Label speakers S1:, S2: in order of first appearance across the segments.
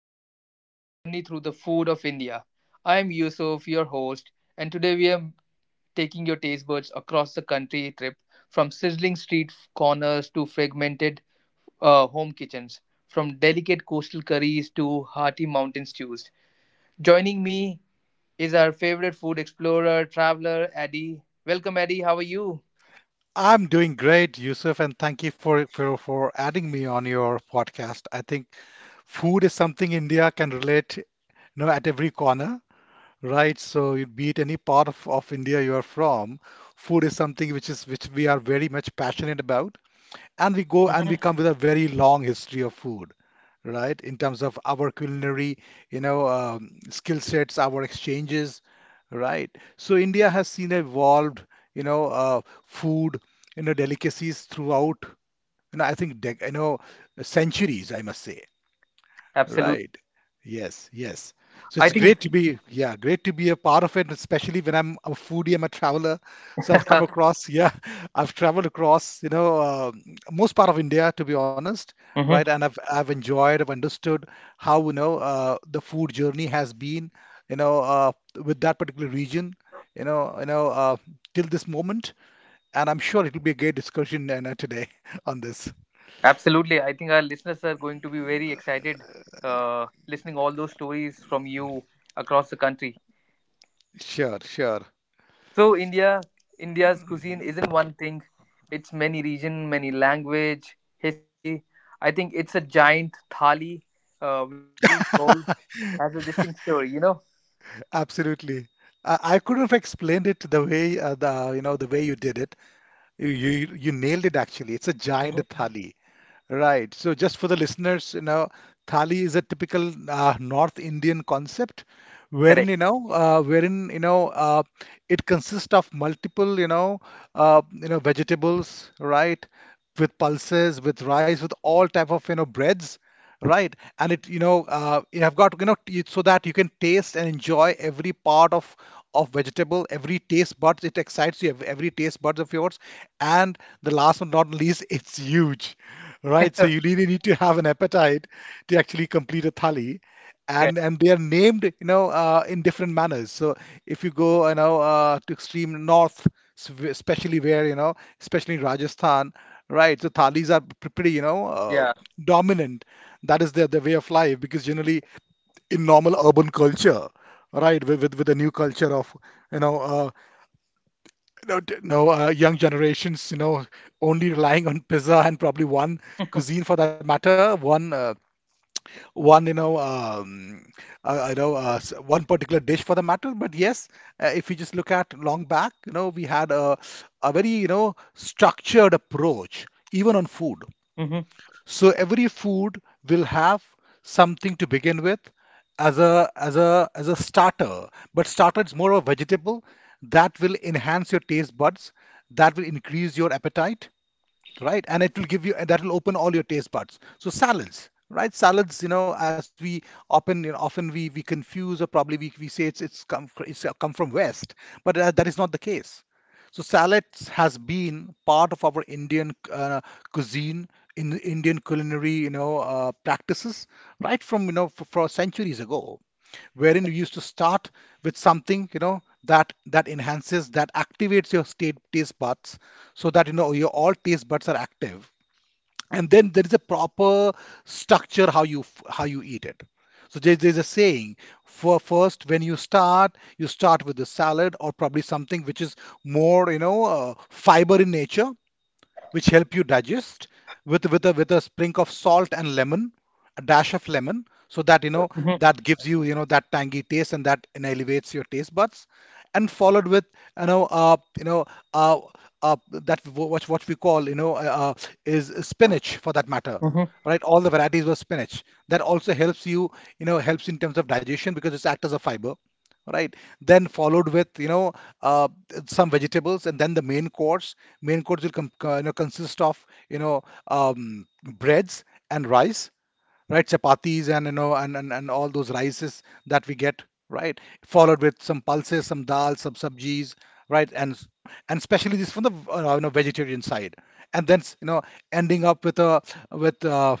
S1: Miles, a journey through the food of India. I'm Yusuf, your host, and today we are taking your taste buds across the country trip from sizzling street corners to fragmented home kitchens, from delicate coastal curries to hearty mountain stews. Joining me is our favorite food explorer, traveler, Addy. Welcome, Addy. How are you?
S2: I'm doing great, Yusuf, and thank you for adding me on your podcast. I think food is something India can relate, you know, at every corner, right? So be it any part of India you are from, food is something which we are very much passionate about, and we go and we
S1: Mhm.
S2: come with a very long history of food, right, in terms of our culinary skill sets, our exchanges, right. So India has seen evolved, food, you know, delicacies throughout, you know, I think centuries, I must say.
S1: Absolutely.
S2: Right. Yes, yes. So
S1: I
S2: it's
S1: think.
S2: great to be, yeah, great to be a part of it, especially when I'm a foodie, I'm a traveler. So I've come across, yeah, I've traveled across, you know, most part of India, to be honest, right? And I've enjoyed, I've understood how, the food journey has been, you know, uh, with that particular region, you know, you know, uh, till this moment. And I'm sure it will be a great discussion, today on this.
S1: Absolutely. I think our listeners are going to be very excited listening all those stories from you across the country.
S2: Sure, sure.
S1: So India, India's cuisine isn't one thing. It's many region, many language, history. I think it's a giant thali where each bowl has a distinct story, you know?
S2: Absolutely. I couldn't have explained it the way the way you did it. You nailed it actually. It's a giant
S1: Hmm.
S2: thali, right? So just for the listeners, you know, thali is a typical North Indian concept, wherein
S1: Correct.
S2: you know, uh, wherein you know, uh, it consists of multiple, you know, vegetables, right? With pulses, with rice, with all type of, you know, breads. Right. And, it, you have got, you know, so that you can taste and enjoy every part of vegetable, every taste buds. It excites you, every taste buds of yours. And the last but not least, it's huge, right? So you really need to have an appetite to actually complete a thali. And
S1: Correct.
S2: they are named, in different manners. So if you go, to extreme north, especially where, you know, especially in Rajasthan, right? So thalis are pretty,
S1: Yeah.
S2: dominant. That is their way of life, because generally in normal urban culture, right, with the new culture of, you know uh, you know, young generations, you know, only relying on pizza and probably one cuisine for that matter, one, one, you know, one particular dish for the matter. But yes, if you just look at long back, you know, we had a very, you know, structured approach even on food.
S1: Hmm.
S2: So every food will have something to begin with as a as a as a starter. But starter is more of a vegetable that will enhance your taste buds, that will increase your appetite, right, and it will give you, that will open all your taste buds. So salads, right, salads, you know, as we often, often we confuse, or probably we say it's, come from west, but, that is not the case. So salads has been part of our Indian, cuisine, in Indian culinary, practices, right from, you know, for centuries ago, wherein you used to start with something, you know, that, enhances, that activates your state taste buds, so that, you know, your all taste buds are active. And then there is a proper structure how you how you eat it. So there's a saying, for first when you start, you start with the salad, or probably something which is more, fiber in nature, which help you digest, with a sprinkle of salt and lemon, a dash of lemon, so that, you know,
S1: Hmm.
S2: that gives you, you know, that tangy taste, and that, and elevates your taste buds, and followed with, you know uh, that w- what we call, is spinach for that matter.
S1: Hmm.
S2: Right, all the varieties of spinach that also helps you, you know, helps in terms of digestion, because it's act as a fiber, right? Then followed with, you know, uh, some vegetables, and then the main course. Main course will you know, consist of, you know, breads and rice, right? Chapatis and, you know, and all those rices that we get, right? Followed with some pulses, some dal, some sabjis, right? And especially this from the, you know, vegetarian side, and then, you know, ending up with a, with,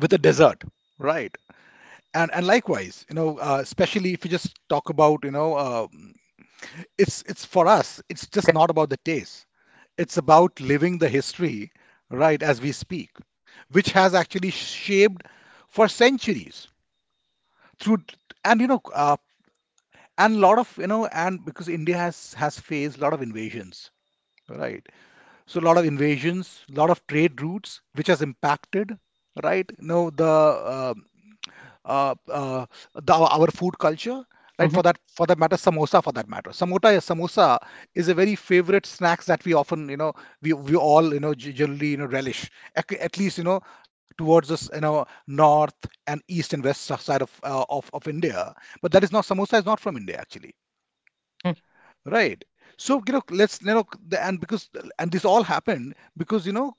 S2: with a dessert, right? And, likewise, you know, especially if you just talk about, you know, it's for us, it's just
S1: Correct.
S2: not about the taste, it's about living the history, right, as we speak, which has actually shaped for centuries through, and, and a lot of, you know, and because India has faced a lot of invasions, right. So a lot of invasions, a lot of trade routes which has impacted, right. No, know the, uh, uh, our food culture, right.
S1: Hmm.
S2: For that, for that matter, samosa, for that matter, samota samosa is a very favorite snacks that we often, you know, we all, you know, generally, you know, relish at least, you know, towards this, you know, north and east and west side of, of India. But that is not, samosa is not from India actually.
S1: Hmm.
S2: Right. So, you know, let's, you know, the, and because, and this all happened because, you know,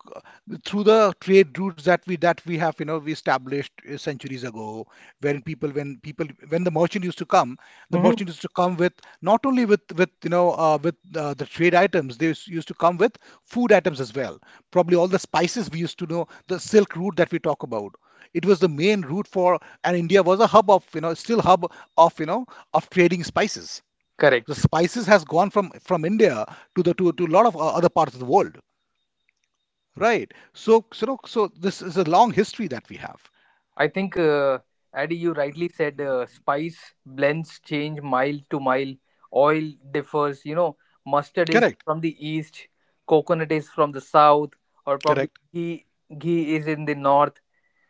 S2: through the trade routes that that we have, you know, we established, centuries ago. When people, when the merchant used to come, the
S1: Hmm.
S2: merchant used to come with, not only you know, with the trade items, they used to come with food items as well. Probably all the spices we used to know, the silk route that we talk about. It was the main route for, and India was a hub of, you know, still hub of, you know, of trading spices. The
S1: Correct.
S2: spices has gone from India to to a lot of other parts of the world, right? So so this is a long history that we have.
S1: I think, Addy, you rightly said spice blends change mile to mile. Oil differs. You know, mustard is
S2: Correct,
S1: from the east, coconut is from the south, or probably
S2: correct.
S1: ghee, ghee is in the north,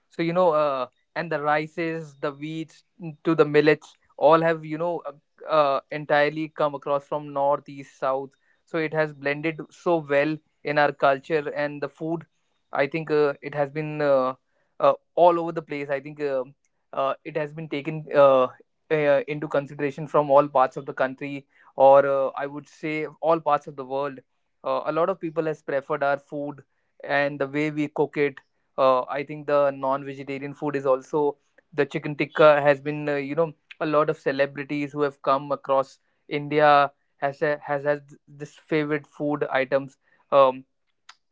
S1: so you know, and the rices, the wheats to the millets all have, you know, entirely come across from north, east, south, so it has blended so well in our culture and the food. I think it has been all over the place. I think it has been taken into consideration from all parts of the country, or I would say all parts of the world. A lot of people has preferred our food and the way we cook it. I think the non-vegetarian food is also, the chicken tikka has been, you know, a lot of celebrities who have come across India has a, has this favorite food items. Um,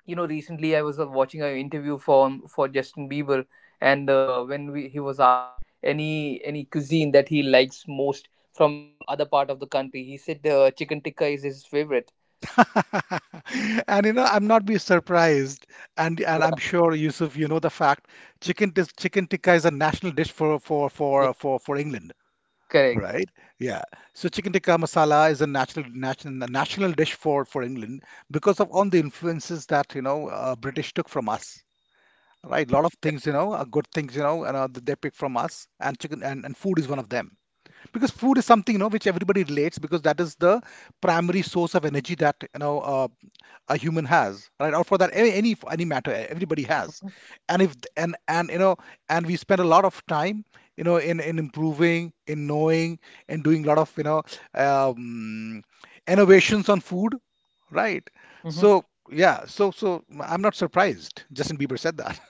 S1: you know, recently I was watching an interview for Justin Bieber, and when he was asked any cuisine that he likes most from other part of the country, he said chicken tikka is his favorite.
S2: And you know, I'm not be surprised, and I'm
S1: Yeah,
S2: sure Yusuf, you know the fact, chicken tikka is a national dish for
S1: yeah,
S2: for England,
S1: correct.
S2: right? Yeah. So chicken tikka masala is a national dish for England, because of all the influences that, you know, British took from us, right? A lot of
S1: Correct.
S2: things, you know, are good things, you know, and, that they pick from us, and chicken, and food is one of them. Because food is something, you know, which everybody relates, because that is the primary source of energy that, you know, a human has, right? Or for that, any matter, everybody has.
S1: Mhm.
S2: And if and and you know, and we spend a lot of time, you know, in improving, in knowing, and doing a lot of, you know, um, innovations on food, right?
S1: Mhm.
S2: So yeah, I'm not surprised Justin Bieber said that.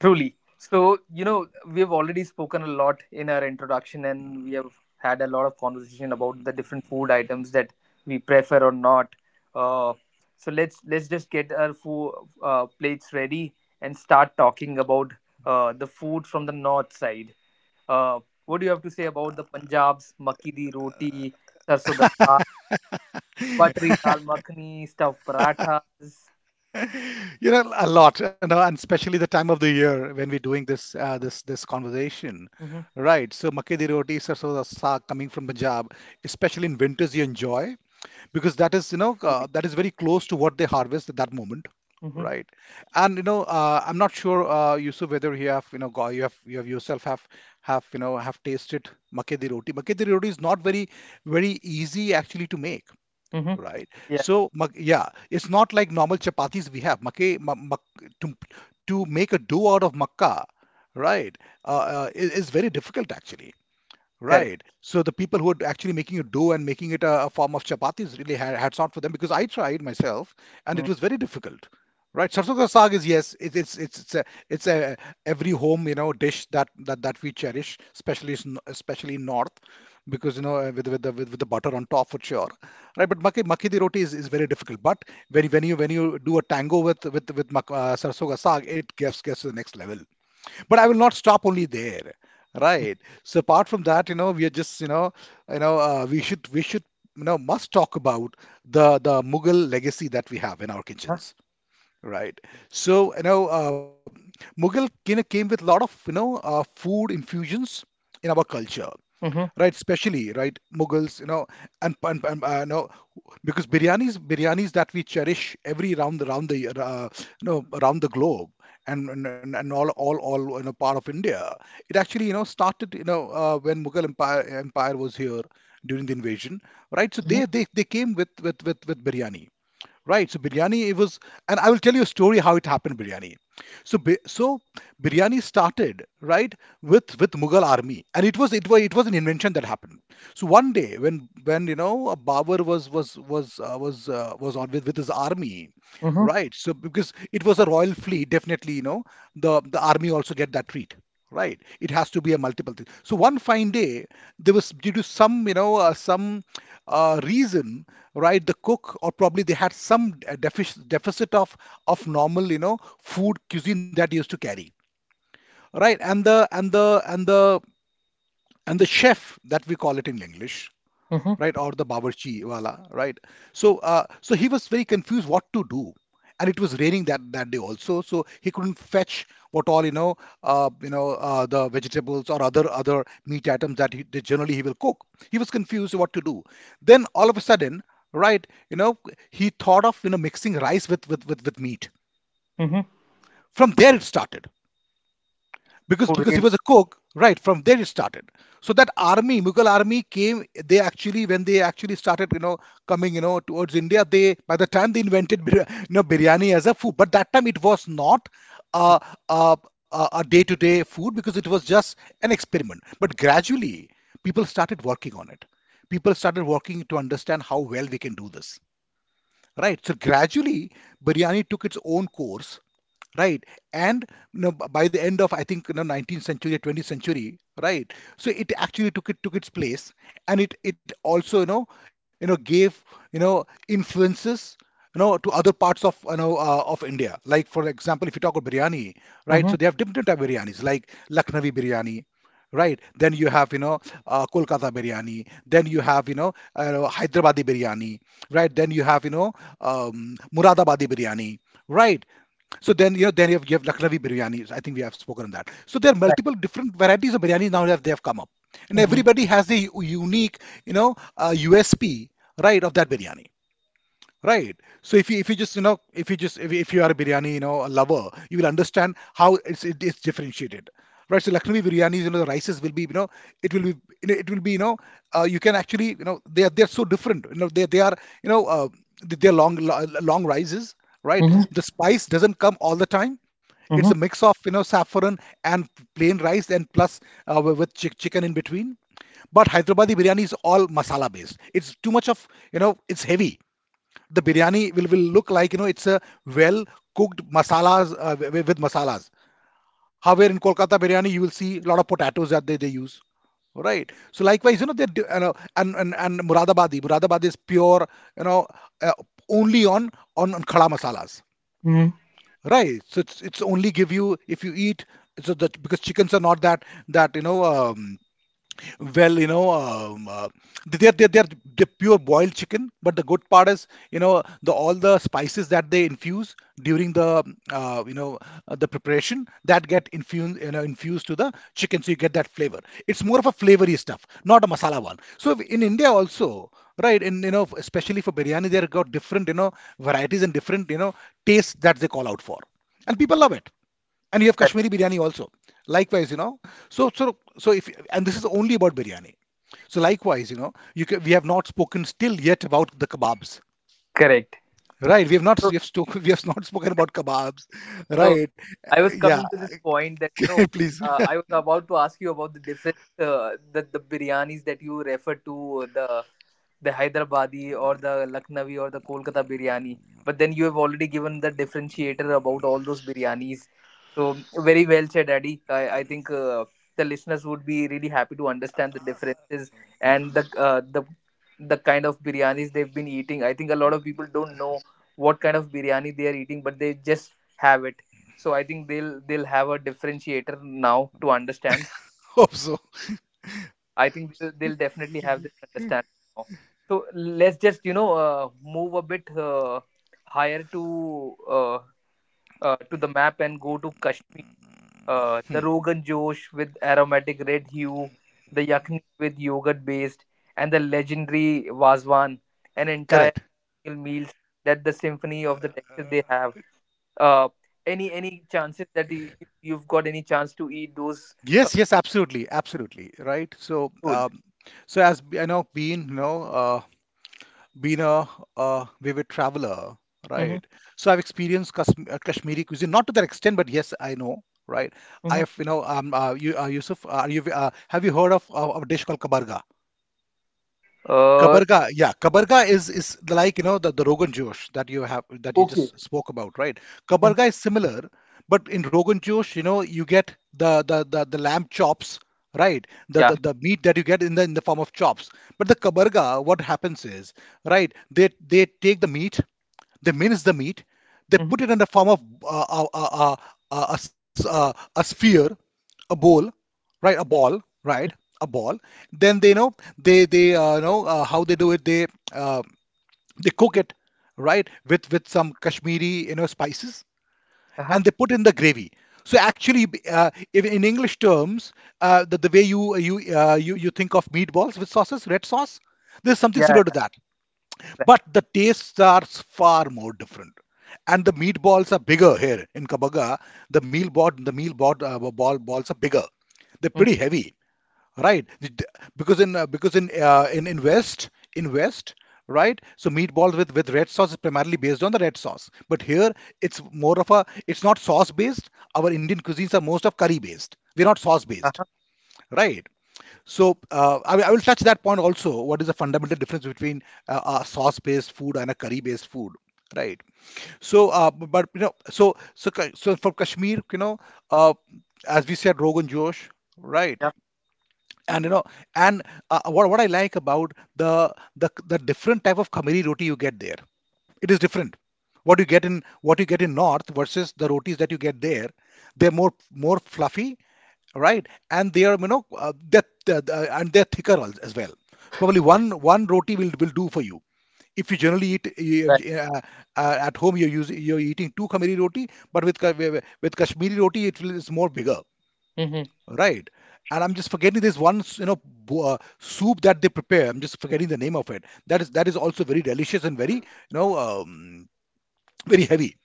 S1: Truly. So, you know, we have already spoken a lot in our introduction and we have had a lot of conversation about the different food items that we prefer or not. Uh, so let's just get our food plates ready and start talking about the food from the north side. Uh, what do you have to say about the Punjab's makki di roti, sarso da saag, buttery dal makhani, stuffed parathas?
S2: You know, a lot, and especially the time of the year when we're doing this, this conversation,
S1: Mm-hmm.
S2: right? So makke di roti sarson da saag coming from Punjab, especially in winters, you enjoy, because that is, you know,
S1: Truly.
S2: that is very close to what they harvest at that moment,
S1: Mm-hmm.
S2: right? And you know, I'm not sure, Yusuf, whether you have, you have, you have yourself have you know have tasted makke di roti. Makke di roti is not very easy actually to make.
S1: Mm-hmm.
S2: Right.
S1: Yeah,
S2: So, yeah, it's not like normal chapatis we have. Makke, ma- mak, to, to make a dough out of makka, right, is very difficult actually.
S1: correct.
S2: Right. So the people who are actually making it dough and making it a form of chapatis, really hats on for them, because I tried myself and it was very difficult. Right. Sarson ka saag is, yes, it's, it's a every home, you know, dish that, that we cherish, especially in north, because you know, uh, with the butter on top for sure. Right. But makki di roti is very difficult. But when you do a tango with, with sarson ka saag, it gets to the next level. But I will not stop only there, right? So apart from that, you know, we are just, we should we should must talk about the Mughal legacy that we have in our kitchens, right? So you know, uh, Mughal you know came with a lot of food infusions in our culture,
S1: Mm-hmm.
S2: right? Especially, right? Mughals, you know, and, and, and uh, you know, because biryanis that we cherish every around the year, around the globe, and all, you know, part of India. It actually, you know, started, when Mughal Empire was here during the invasion, right? So
S1: Mhm,
S2: they came with biryani. Right. So biryani, it was, and I will tell you a story how it happened, biryani. So biryani started, right, with Mughal army, and it was it was an invention that happened. So one day when a Babur was was on with his army,
S1: mhm,
S2: right? So because it was a royal fleet, definitely you know the army also get that treat. Right, it has to be a multiple thing. So one fine day, there was due to some, some reason, right, the cook or probably they had some deficit of normal, you know, food cuisine that they used to carry, right? And the chef that we call it in English,
S1: mhm,
S2: right, or the bawarchi wala, right. So he was very confused what to do, and it was raining that day also, so he couldn't fetch what all you know, the vegetables or other meat items that he that generally he will cook. He was confused what to do. Then all of a sudden, right, you know, he thought of you know mixing rice with meat.
S1: mhm.
S2: From there it started because
S1: Oh,
S2: he
S1: really?
S2: was a cook, right. From there it started. So that army mughal army came. They actually, when they actually started you know coming you know towards India, they, by the time, they invented biryani as a food, but that time it was not a, a, a day-to-day food because it was just an experiment. But gradually people started working on it. People started working to understand how well we can do this, right? So gradually biryani took its own course, right. And you know, by the end of, I think you know, 19th century or 20th century, right, so it actually took its place. And it also you know, you know gave you know influences you know to other parts of you know of India. Like for example, if you talk about biryani, right, so
S1: Mhm,
S2: they have different type of biryanis, like Lucknowi biryani, right. Then you have you know Kolkata biryani, then you have you know Hyderabadi biryani, right. Then you have you know Muradabadi biryani, right. So then, you know, then you have Lucknowi biryani. I think we have spoken on that. So there are
S1: right.
S2: multiple different varieties of biryani now that they have come up, and
S1: Mhm,
S2: everybody has a unique, you know, USP, right, of that biryani. Right. So if you just you know, if if you are a biryani you know a lover, you will understand how it's differentiated. Right. So Lucknowi biryanis, you know, the rices will be you know, it will be you know, it will be you know, you can actually you know, they are so different. You know they are you know, they're long long rices. Right.
S1: mhm,
S2: The spice doesn't come all the time. It's a
S1: mhm,
S2: mix of you know saffron and plain rice, and plus with chicken in between. But Hyderabadi biryani is all masala based. It's too much of, you know, it's heavy. The
S1: right.
S2: biryani will look like you know it's a well cooked masalas, with masalas. However, in Kolkata biryani, you will see a lot of potatoes that they use, right? So likewise you know they do, you know. And, and Muradabadi is pure, you know, uh, only on, on khada masalas,
S1: Mhm,
S2: right. So it's only give you, if you eat, so that because chickens are not that you know, well, you know, they're, they're, they're, they're pure boiled chicken. But the good part is, you know, the all the spices that they infuse during the, uh, you know, the preparation that get infused, you know, infused to the chicken, so you get that flavor. It's more of a flavory stuff, not a masala one. So in India also, right, and you know, especially for biryani, they've got different, you know, varieties and different, you know, tastes that they call out for, and people love it. And you have
S1: correct.
S2: Kashmiri biryani also. Likewise, you know, so if, and this is only about biryani. So likewise, you know, you ca we have not spoken still yet about the kebabs,
S1: Correct.
S2: right? We have not
S1: So,
S2: we have spoken we have not spoken about kebabs,
S1: so,
S2: right?
S1: I was
S2: Yeah,
S1: coming to this point that, you know,
S2: please
S1: I was about to ask you about the different the biryanis that you refer to, the Hyderabadi or the Lucknowi or the Kolkata biryani. But then you have already given the differentiator about all those biryanis. So, very well said, Adi. I think the listeners would be really happy to understand the differences and the kind of biryanis they've been eating. I think a lot of people don't know what kind of biryani they are eating, but they just have it. So I think they'll have a differentiator now to understand.
S2: hope so.
S1: I think they'll definitely have this understanding now. So let's just, you know, move a bit higher to the map and go to Kashmir. The rogan josh with aromatic red hue, the yakni with yogurt based, and the legendary wazwan, an
S2: Correct.
S1: entire meal, that the symphony of the texture they have, uh, any chances that you've got any chance to eat those uh,
S2: Yes, yes, absolutely, absolutely, right. So
S1: food?
S2: so as been a vivid traveler,
S1: Hmm.
S2: right? So I've experienced Kashmiri cuisine, not to that extent, but yes, I know, right? I
S1: Hmm.
S2: have, you know, Yusuf, are you, have you heard of a dish called kabarga?
S1: uh
S2: Kabarga, yeah, Kabarga is like you know the Rogan Josh that you have that you
S1: okay.
S2: just spoke about, right?
S1: Mhm.
S2: Kabarga is similar, but in Rogan Josh, you know, you get the lamb chops, right?
S1: Yeah.
S2: The meat that you get in the form of chops. But the Kabarga, what happens is, right? They take the meat, they mince the meat, they
S1: Hmm.
S2: put it in the form of uh, a sphere, a bowl, right, a ball, right, a ball. Then they know, how they do it, they, uh, they cook it, right, with some Kashmiri you know spices,
S1: Uh-huh.
S2: and they put in the gravy. So actually, if in English terms, the way you you you think of meatballs with sauces, red sauce, there's something
S1: Yeah,
S2: similar
S1: yeah,
S2: to that.
S1: right.
S2: But the tastes are far more different, and the meatballs are bigger here in kabaga. The meal board the meal board uh, ball balls are bigger, they're
S1: Mhm.
S2: pretty heavy, right. Because in in west, in west, right, so meatballs with red sauce is primarily based on the red sauce, but here it's more of a, it's not sauce based. Our Indian cuisines are most of curry based, we're not sauce based,
S1: Uh-huh.
S2: right. So I will touch that point also, what is the fundamental difference between a sauce based food and a curry based food, right. So but you know, so so so for Kashmir you know, uh, as we said Rogan Josh, right.
S1: Yeah.
S2: And you know, and what I like about the different type of khamiri roti you get there, it is different what you get in, what you get in north, versus the rotis that you get there. They're more more fluffy, right. And they are you know, and they're thicker as well. So probably one, one roti will do for you, if you generally eat
S1: Right.
S2: uh, at home, you're using, you're eating two khamiri roti. But with with Kashmiri roti, it will, is more bigger,
S1: Hmm.
S2: right? And I'm just forgetting this one, soup that they prepare. I'm just forgetting the name of it. That is also very delicious and very, you know, very heavy,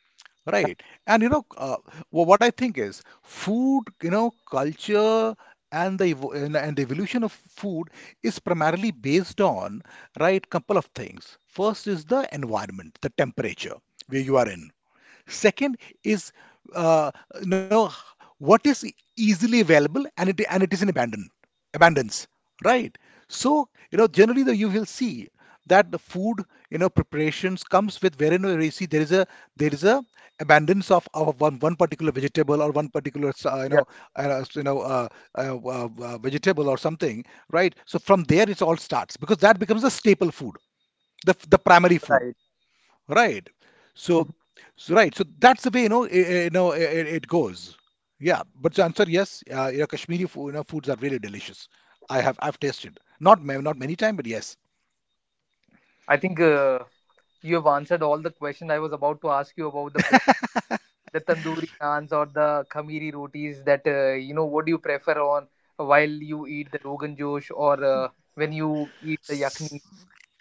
S2: right? And you know, what I think is food, you know, culture, and the evolution of food is primarily based on, right, couple of things. First is the environment, the temperature where you are in. Second is uh, you know what is easily available and it is in abandon, abundance, right? So you know generally, the you will see that the food you know preparations comes with, wherein you see there is a, there is a abundance of one, one particular vegetable or one particular,
S1: Yeah.
S2: uh, you know vegetable or something, right? So from there it all starts because that becomes a staple food, the primary food.
S1: Right.
S2: Right. So,
S1: Mhm.
S2: so right. So that's the way it goes. Yeah. But to answer yes, Kashmiri food, foods are really delicious. I've tasted not many times, but yes.
S1: I think you have answered all the question I was about to ask you about the bread, the tandoori naans or the khamiri rotis, that you know, what do you prefer on while you eat the rogan josh, or when you eat the yakni,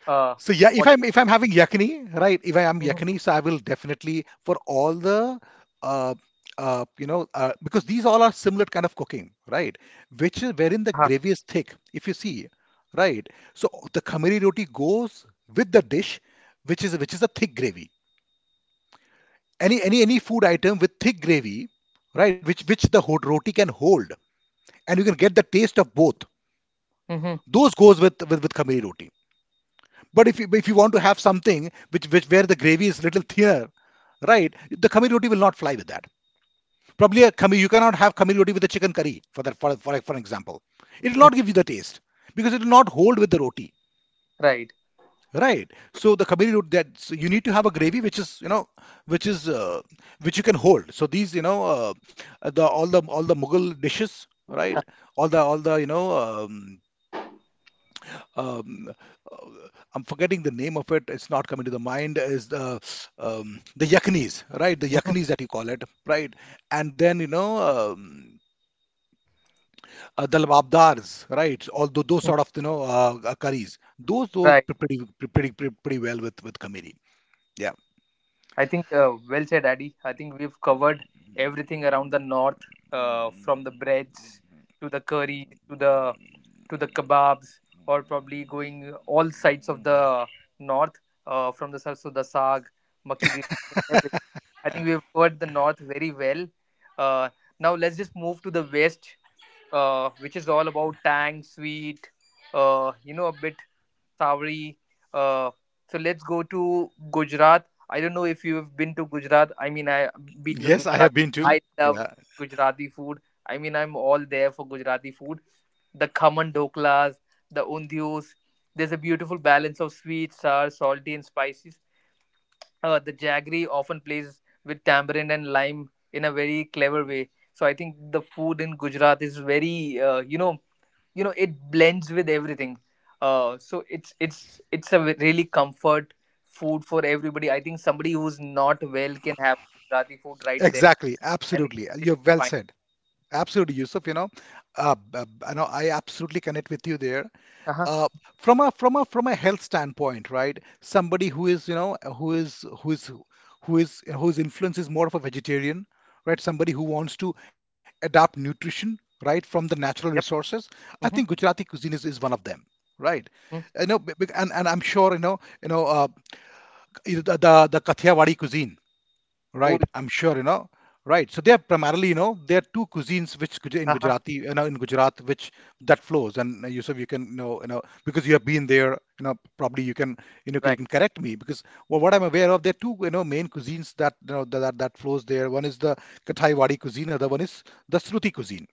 S2: So
S1: uh,
S2: yeah, if I'm having yakni, right? If I am
S1: what?
S2: yakni, so I will definitely for all the uh, because these all are similar kind of cooking, right? Which is wherein the
S1: Haha.
S2: gravy is thick. If you see, right? So the khamiri roti goes with the dish, which is a thick gravy. Any food item with thick gravy, right? Which the hot roti can hold, and you can get the taste of both.
S1: Mhm.
S2: Those goes with khamiri roti. But if you want to have something which, where the gravy is little thinner, right? The khamiri roti will not fly with that. Probably a khamir you cannot have khamiri roti with a chicken curry for that for example. It will
S1: Mhm.
S2: not give you the taste because it will not hold with the roti,
S1: Right.
S2: right? So the khamiri roti that so you need to have a gravy which is uh, which you can hold. So these the all the all the Mughal dishes, right? All the you know um, uh, I'm forgetting the name of it. It's not coming to the mind. Is the yaknis, right? The
S1: Mhm.
S2: yaknis that you call it, right? And then um, the lababdars, right? All those
S1: Mhm.
S2: sort of curries. Those
S1: Right.
S2: pretty well with kamiri. Yeah.
S1: I think well said, Addy. I think we've covered everything around the north, from the breads to the curry to the kebabs, or probably going all sides of the north, from the sarso da saag, makki di roti, everything. I think we've covered the north very well. Uh, Now let's just move to the west, which is all about tang, sweet, you know, a bit Savri. Uh, so let's go to Gujarat. I don't know if you've been to Gujarat. I mean, I, being a
S2: Yes, I have
S1: Gujarati,
S2: been to.
S1: I love
S2: Yeah.
S1: Gujarati food. I mean, I'm all there for Gujarati food. The khaman doklas, the undius. There's a beautiful balance of sweet, sour, salty, and spices. The jaggery often plays with tamarind and lime in a very clever way. So I think the food in Gujarat is very, you know, you know, it blends with everything. So it's a really comfort food for everybody. I think somebody who's not well can have Gujarati food right there,
S2: Exactly.
S1: and it-
S2: Absolutely.
S1: they'll
S2: You're
S1: be
S2: well
S1: fine.
S2: said. Absolutely, Yusuf. I know I absolutely connect with you there.
S1: Uh-huh.
S2: uh, from a from a health standpoint, right? Somebody who is you know who is who is who is whose influence is more of a vegetarian, right? Somebody who wants to adapt nutrition, right, from the natural
S1: Yep.
S2: resources. I think
S1: Mm-hmm.
S2: Gujarati cuisine is one of them, right?
S1: Mm.
S2: And I'm sure the Kathiawadi cuisine.
S1: Oh.
S2: Right, I'm sure, you know. Right, so they are primarily, there are two cuisines in
S1: Uh-huh.
S2: Gujarati, in Gujarat, which that flows, and Yusuf, you can know, because you have been there, probably you can, you know, you
S1: Right.
S2: can correct me because well, what I'm aware of, there are two, main cuisines that you know that that, that flows there. One is the Kathaiwadi cuisine, other one is the Shruti cuisine.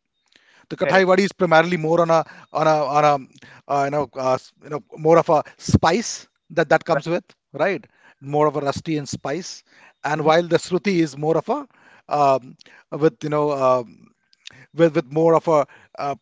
S2: The
S1: Correct.
S2: Kathaiwadi is primarily more on a on a on a you know s- you know more of a spice that
S1: Right.
S2: comes with, right, more of a rusty and spice. And
S1: Mm-hmm.
S2: while the Shruti is more of a um, with you know with more of a uh,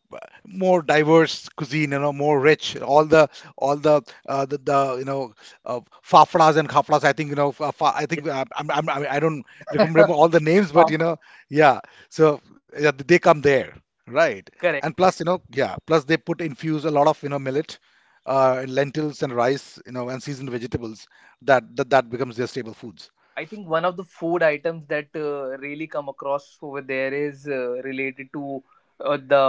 S2: more diverse cuisine, more rich. All the you know fafadas and khaflas. I think you know. I
S1: Yeah.
S2: think I don't remember all the names, but you
S1: Papa.
S2: know, yeah. So yeah, they come there, right? And
S1: Correct.
S2: plus, you know, yeah. Plus, they put infuse a lot of millet, and lentils and rice, and seasoned vegetables. That becomes their staple foods.
S1: I think one of the food items that really come across over there is related to uh, the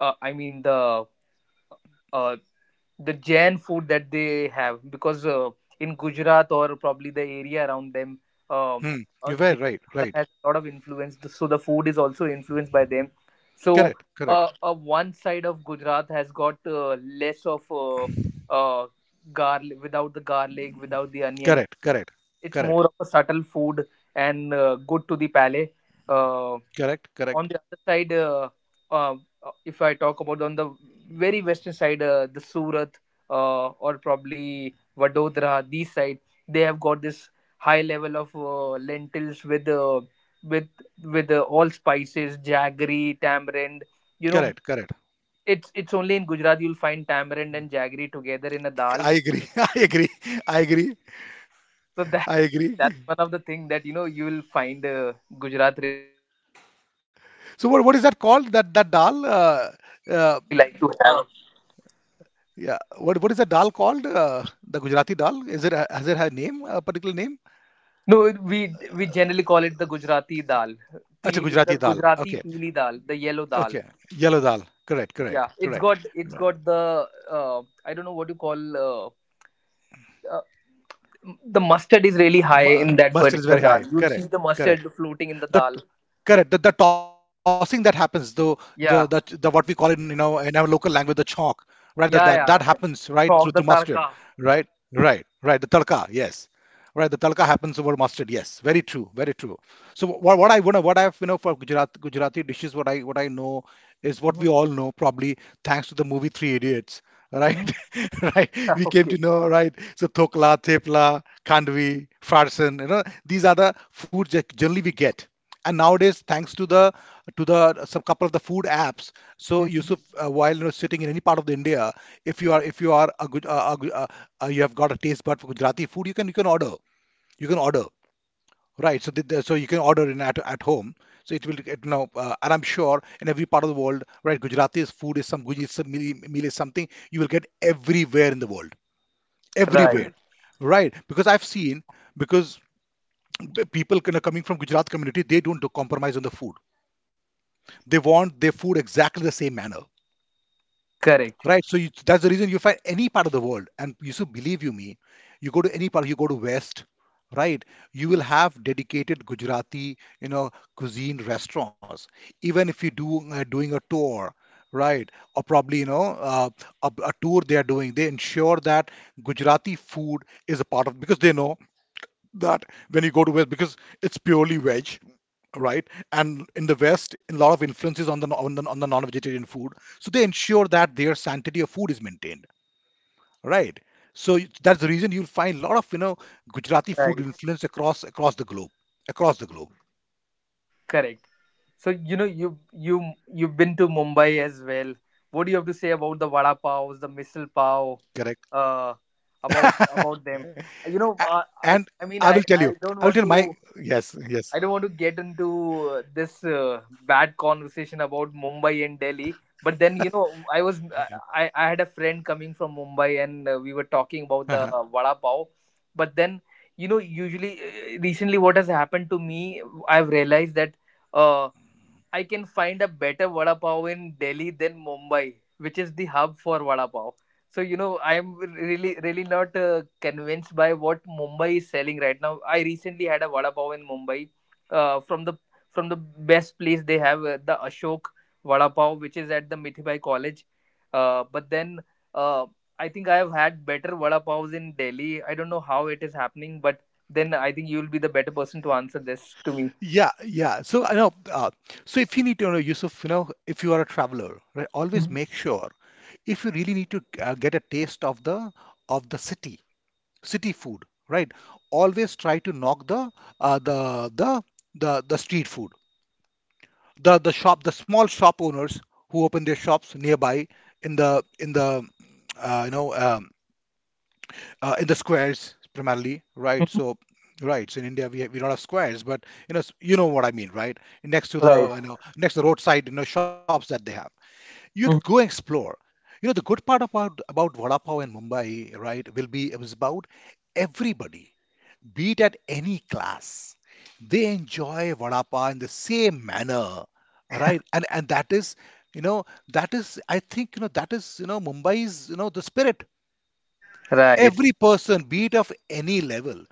S1: uh, i mean the uh, the Jain food that they have, because in Gujarat or probably the area around them, uh,
S2: Hmm. You're very
S1: Jain
S2: right.
S1: people
S2: Right.
S1: has a lot of influence. So the food is also influenced by them. So
S2: Correct. Correct.
S1: one side of Gujarat has got less of uh, garlic, without the garlic,
S2: Mm.
S1: without the onion.
S2: Correct. Correct.
S1: It's
S2: Correct.
S1: more of a subtle food and good to the palate. Uh,
S2: Correct, correct,
S1: on the other side, uh, if I talk about on the very western side, the Surat or probably Vadodara, these side, they have got this high level of lentils with with all spices, jaggery, tamarind. You know,
S2: correct, correct.
S1: it's only in Gujarat you'll find tamarind and jaggery together in a dal.
S2: I agree. I agree. I agree.
S1: So that
S2: I agree.
S1: that's one of the thing that you know you will find Gujarat.
S2: So what is that called? That dal? Uh, yeah. What is that dal called? The Gujarati dal? Is it has it had a name? A particular name?
S1: No, we generally call it the Gujarati dal.
S2: Acha
S1: Peeli, the
S2: Gujarati dal.
S1: Gujarati
S2: Okay.
S1: peeli dal, the yellow dal.
S2: Okay. Yellow dal. Correct. Correct.
S1: Yeah,
S2: Correct.
S1: it's
S2: Uh,
S1: got the, I don't know what you call, uh, the mustard is really high in that
S2: Mustard is very
S1: particular
S2: high.
S1: dal. You'll see
S2: Correct.
S1: the
S2: Correct.
S1: mustard floating in the
S2: The
S1: dal.
S2: Correct. The tossing that happens though the what we
S1: Yeah,
S2: call in in our local language, the chalk, right, that that
S1: yeah,
S2: happens,
S1: yeah.
S2: right, through
S1: Chok, the
S2: mustard.
S1: tarka.
S2: Right, right, right. The talka, yes. Right, the talka happens over mustard, yes. Very true, very true. So what I wanna what I've you know for Gujarat Gujarati dishes, what I know is what we
S1: Hmm.
S2: all know, probably thanks to the movie Three Idiots,
S1: Hmm.
S2: right. Right, we came
S1: Okay.
S2: to know, right. So thokla, thepla, khandvi, farsan, you know, these are the foods that generally we get. And nowadays, thanks to the some couple of the food apps. So,
S1: Mhm.
S2: Yusuf, while sitting in any part of the India, if you are a good you have got a taste bud for Gujarati food, you can order. You can order, right. So you can order in at home. So it will get, and I'm sure, in every part of the world, right, Gujarati's food is, some Gujarati meal is something you will get everywhere in the world,
S1: Right.
S2: everywhere, right. Because I've seen. Because people kind of coming from Gujarat community, they don't do compromise on the food. They want their food exactly the same manner,
S1: Correct.
S2: right? So that's the reason you find any part of the world, and you should believe you me, you go to any part, you go to West, right? You will have dedicated Gujarati, cuisine restaurants. Even if you do doing a tour, right, or probably a tour they are doing, they ensure that Gujarati food is a part of, because they know that when you go to West, because it's purely veg, right? And in the West, a lot of influences on the non-vegetarian food, so they ensure that their sanctity of food is maintained, right? So that's the reason you'll find a lot of Gujarati food
S1: Right.
S2: influence across the globe, across the globe,
S1: Correct. So, you know, you you've been to Mumbai as well. What do you have to say about the vada pav, the misal
S2: correct?
S1: pav? uh, about them.
S2: A-
S1: You know,
S2: and
S1: uh,
S2: I
S1: I
S2: will tell
S1: I
S2: you,
S1: mean,
S2: I will tell
S1: I
S2: my.
S1: don't want to,
S2: Yes, yes.
S1: I don't want to get into this bad conversation about Mumbai and Delhi. But then you know, I was, I had a friend coming from Mumbai, and we were talking
S2: Uh-huh.
S1: about the vada pav. But then you know, usually recently, what has happened to me, I've realized that. uh. I can find a better vada pav in Delhi than Mumbai, which is the hub for vada pav. So you know, I am really, really not convinced by what Mumbai is selling right now. I recently had a vada pav in Mumbai, from the best place they have, the Ashok vada pav, which is at the Mithibai College. But then uh, I think I have had better vada pavs in Delhi. I don't know how it is happening, but then I think you will be the better person to answer this to me.
S2: Yeah, yeah. So I know. So if you need to, Yusuf, if you are a traveler, right, always make sure. If you really need to get a taste of the city food, right? Always try to knock uh, the the the street food, the small shop owners who open their shops nearby in the you know in the squares primarily, right? So right, so in India we don't have squares, but you know what I mean, right? Next to
S1: Right.
S2: the next to the roadside shops that they have, go explore. You know the good part about vada pav in Mumbai, right, will be it was about everybody, be it at any class. They enjoy vada pav in the same manner, right? And that is, you know, I think, you know, that is, you know, Mumbai's, the spirit.
S1: Right.
S2: Every person, be it of any level,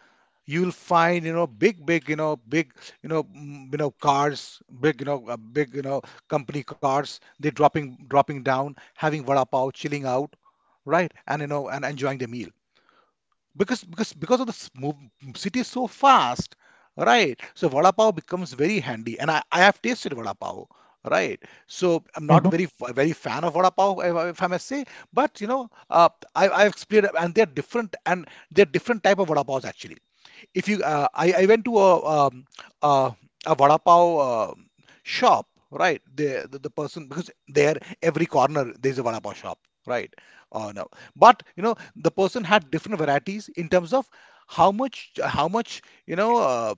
S2: you'll find, you know, big, big, big, cars, big, big, company cars. They're dropping, dropping down, having vada pav, chilling out, right? And enjoying the meal, because of the move, city is so fast, right, so vada pav becomes very handy. And I have tasted vada pav, right, so I'm not a
S1: Mhm.
S2: very very fan of vada pav, if I may say. But I've experienced, and they're different, and they're different type of vada pavs actually. If you I went to um, uh, a vada pav shop, right. The person, because there every corner there's a vada pav shop, right. No, but the person had different varieties in terms of how much how much you know uh,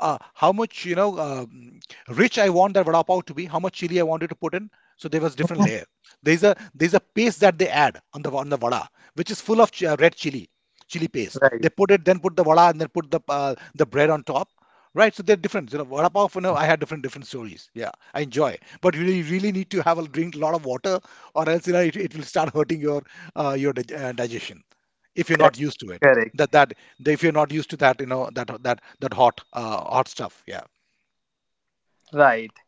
S2: how much rich I want that vada pav to be, how much chili I wanted to put in. So there was different layer. There's a paste that they add on the vada, which is full of red chili paste.
S1: Right.
S2: They put it, then put the vada, and then put the bread on top. Right, so they're different. You know, vada pav. You know, I had different stories. Yeah, I enjoy, but really, really need to have a drink a lot of water, or else you know it will start hurting your digestion if you're
S1: Correct.
S2: not used to it.
S1: Correct.
S2: That, if you're not used to that, you know that hot hot stuff. Yeah.
S1: Right.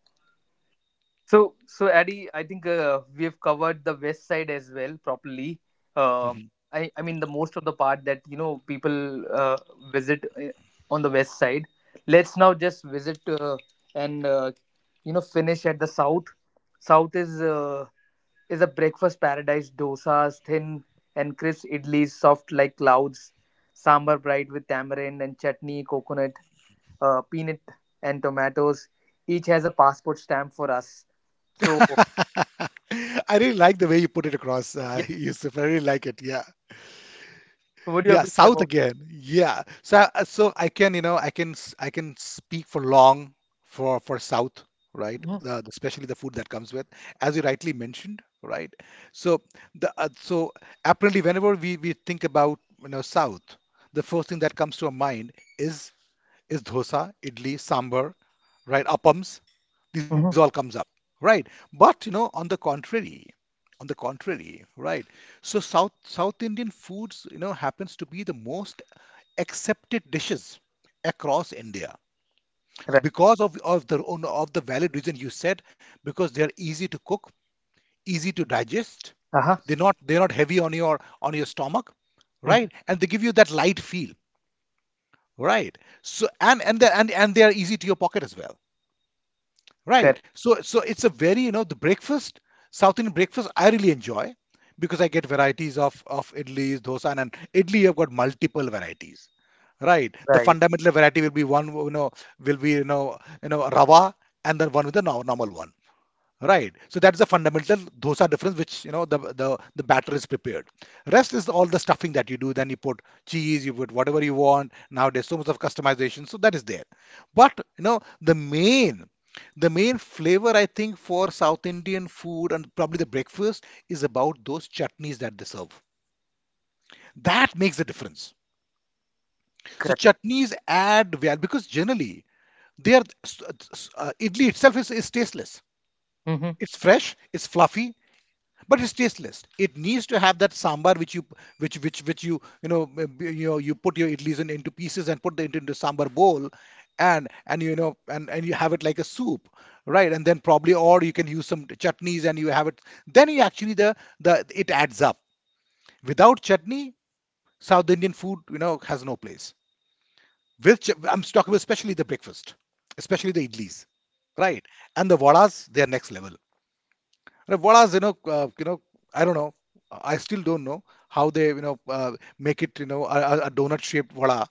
S1: So, so Addy, I think we have covered the west side as well properly. Uh, I mean, the most of the part that you know people visit on the west side. Let's now just visit and you know, finish at the south. South is a breakfast paradise. Dosas, thin and crisp idlis, soft like clouds. Sambar bright with tamarind and chutney, coconut, peanut and tomatoes. Each has a passport stamp for us. So
S2: I really like the way you put it across,
S1: yeah.
S2: Yusuf. I really like it. Yeah.
S1: So what do you have
S2: Yeah,
S1: to say
S2: south
S1: about?
S2: again. Yeah. So I can, you know, I can speak for long for south, right?
S1: Mm-hmm.
S2: Especially the food that comes with, as you rightly mentioned, right? So the so apparently whenever we think about, you know, south, the first thing that comes to our mind is is dosa, idli, sambar, right? Appams, these all
S1: Mm-hmm.
S2: comes up, right? But you know, on the contrary, right. So South Indian foods, you know, happens to be the most accepted dishes across India
S1: Right.
S2: because of of the valid reason you said, because they're easy to cook, easy to digest.
S1: Uh huh.
S2: They're not heavy on your stomach,
S1: Hmm.
S2: right? And they give you that light feel, right? So and they are easy to your pocket as well.
S1: Correct.
S2: Right. So it's a very, you know, the breakfast, South Indian breakfast I really enjoy because I get varieties of idlis, dosa, and idli I've got multiple varieties. Right. The
S1: Right.
S2: fundamental variety will be one, you know, will be, you know, rava and then one with the normal one. Right. So that's the fundamental dosa difference, which you know the batter is prepared. Rest is all the stuffing that you do. Then you put cheese, you put whatever you want. Nowadays, so much of customization, so that is there. But you know the main flavor I think for South Indian food and probably the breakfast is about those chutneys that they serve. That makes a difference. So
S1: Correct.
S2: chutneys add well because generally they are idli itself is tasteless.
S1: Mm-hmm.
S2: It's fresh, it's fluffy, but it's tasteless. It needs to have that sambar which you p- which you know you know you put your idlis in, into pieces and put the into sambar bowl and you know and you have it like a soup, right? And then probably or you can use some chutneys and you have it, then you actually the it adds up. Without chutney, south indian food, you know, has no place. With I'm talking about especially the breakfast, especially the idlis, right? And the vadas, they are next level. And what else, you know, I don't know. I still don't know how they, you know, make it, you know, a a donut-shaped vada,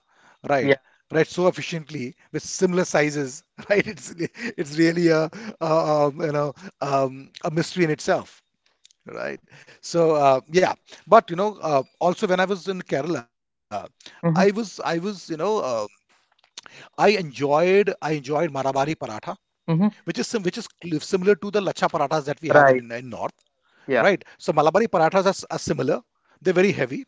S2: right?
S1: Yeah.
S2: Right, so efficiently with similar sizes, right? It's really a, you know a mystery in itself, right? So yeah, but you know, also when I was in Kerala, I was
S1: Mm-hmm.
S2: you know I enjoyed Marabari paratha,
S1: Mm-hmm.
S2: which is similar to the lacha parathas that we have in
S1: Right.
S2: North,
S1: Yeah.
S2: right? So Malabari parathas are similar. They're very heavy.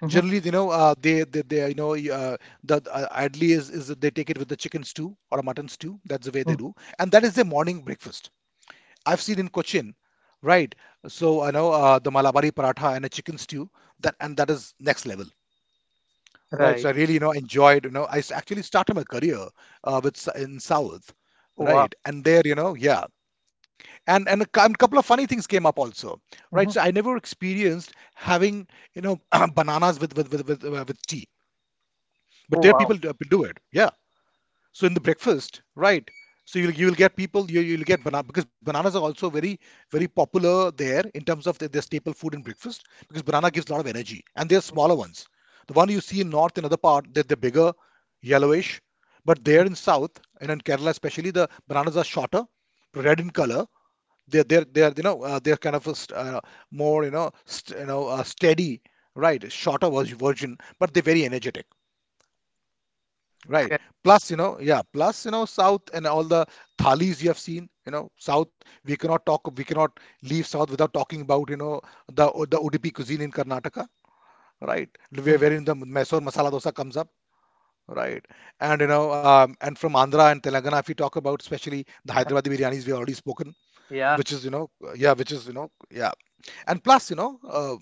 S1: Mm-hmm.
S2: Generally, you know, you know, idli is they take it with the chicken stew or a mutton stew. That's the way they do, and that is their morning breakfast. I've seen in Cochin, right? So I know the Malabari paratha and a chicken stew. That is next level, right? So
S1: Right.
S2: I really, you know, enjoyed. You know, actually started my career with in South,
S1: Wow.
S2: right? And there, you know, yeah, and couple of funny things came up also, right? So
S1: Mm-hmm.
S2: I never experienced having, you know, bananas with with tea. But
S1: Oh,
S2: there
S1: wow.
S2: people do do it, yeah. So in the breakfast, right? So you'll get people, you you'll get banana, because bananas are also very very popular there in terms of their staple food in breakfast, because banana gives a lot of energy and they're smaller ones. The one you see in north and other part, that they're bigger, yellowish. But there
S1: Mhm.
S2: in south and in Kerala especially, the bananas are shorter, red in color. They're you know they're kind of a more, you know, you know steady, right? Shorter version, but they're very energetic, right?
S1: Correct.
S2: Plus you know, yeah, plus you know, south and all the thalis you have seen, you know south, we cannot talk, we cannot leave south without talking about, you know, the udp cuisine in Karnataka, right? Where
S1: Mhm.
S2: wherein the mysore masala dosa comes up, right? And you know and from Andhra and Telangana, if you talk about especially the Hyderabadi biryanis, we already spoken,
S1: Yeah.
S2: which is you know, yeah, which is you know, yeah. And plus you know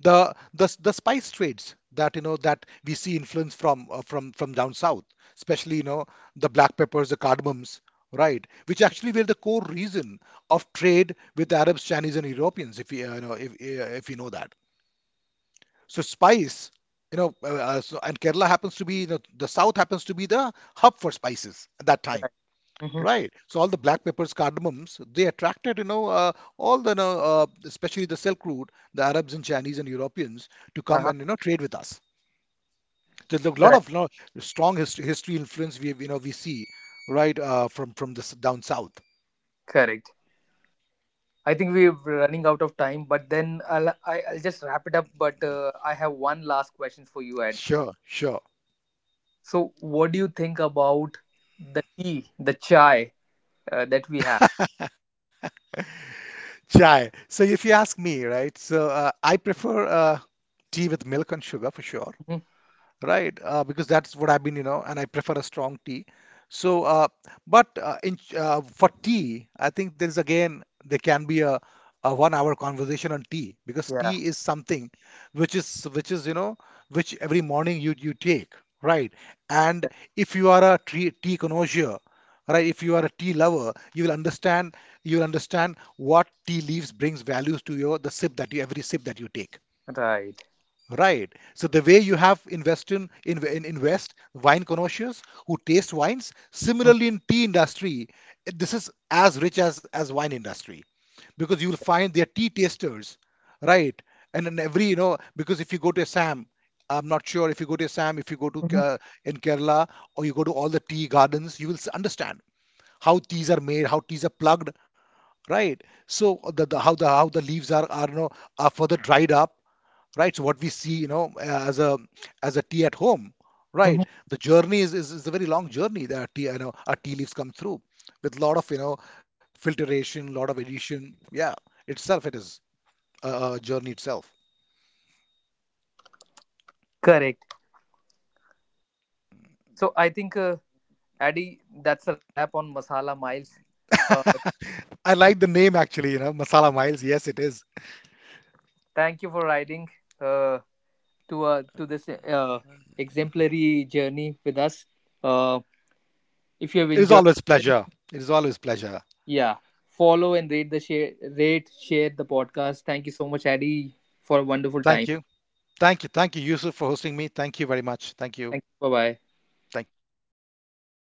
S2: the spice trades that you know that we see influence from down south, especially you know the black peppers, the cardamoms, right, which actually were the core reason of trade with Arabs, Chinese and Europeans, if you, you know, if you know that. So spice, you know, so, and Kerala happens to be, you know, the south happens to be the hub for spices at that time.
S1: Right. Mm-hmm.
S2: Right. So all the black peppers, cardamoms, they attracted, you know, all the, you know, especially the Silk Route, the Arabs and Chinese and Europeans to come
S1: Uh-huh.
S2: and, you know, trade with us. There's a lot
S1: Correct.
S2: of, you know, strong history influence we, you know, we see, right, from this down south.
S1: Correct. I think we're running out of time, but then I'll just wrap it up. But I have one last question for you, Ed.
S2: Sure, sure.
S1: So, what do you think about the tea, the chai that we have?
S2: Chai. So if you ask me, right, so I prefer tea with milk and sugar for sure,
S1: Mhm.
S2: right? Because that's what I've been, you know, and I prefer a strong tea. So, but in for tea, I think there's again there can be a one-hour conversation on tea because
S1: Yeah,
S2: tea is something which is you know, which every morning you you take, right? And if you are a tea connoisseur, right? If you are a tea lover, you will understand what tea leaves brings values to your the sip that you, every sip that you take.
S1: right.
S2: Right. So the way you have invest in invest wine connoisseurs who taste wines,
S1: Mhm.
S2: similarly in tea industry, this is as rich as wine industry, because you will find their tea tasters, right? And in every you know, because if you go to Assam, I'm not sure if you go to Assam, if you go to
S1: Mhm.
S2: in Kerala, or you go to all the tea gardens, you will understand how teas are made, how teas are plugged, right? So the how the how the leaves are you know are further dried up, right? So what we see, you know, as a as a tea at home,
S1: Mhm.
S2: right? The journey is a very long journey that tea, you know, our tea leaves come through with a lot of, you know, filtration, lot of addition. Yeah, itself it is a journey itself.
S1: Correct. So, I think, Addy, that's a wrap on Masala Miles. Uh,
S2: I like the name actually, you know, Masala Miles. Yes, it is.
S1: Thank you for riding uh, to this exemplary journey with us. Uh, if you have
S2: It is
S1: enjoyed,
S2: always pleasure. It is always pleasure.
S1: yeah, follow and rate, share the podcast. Thank you so much, Addy, for a wonderful
S2: Thank
S1: time.
S2: you. Thank you. Thank you, Yusuf, for hosting me. Thank you very much. Thank you.
S1: Thank you. Bye bye.
S2: Thank you.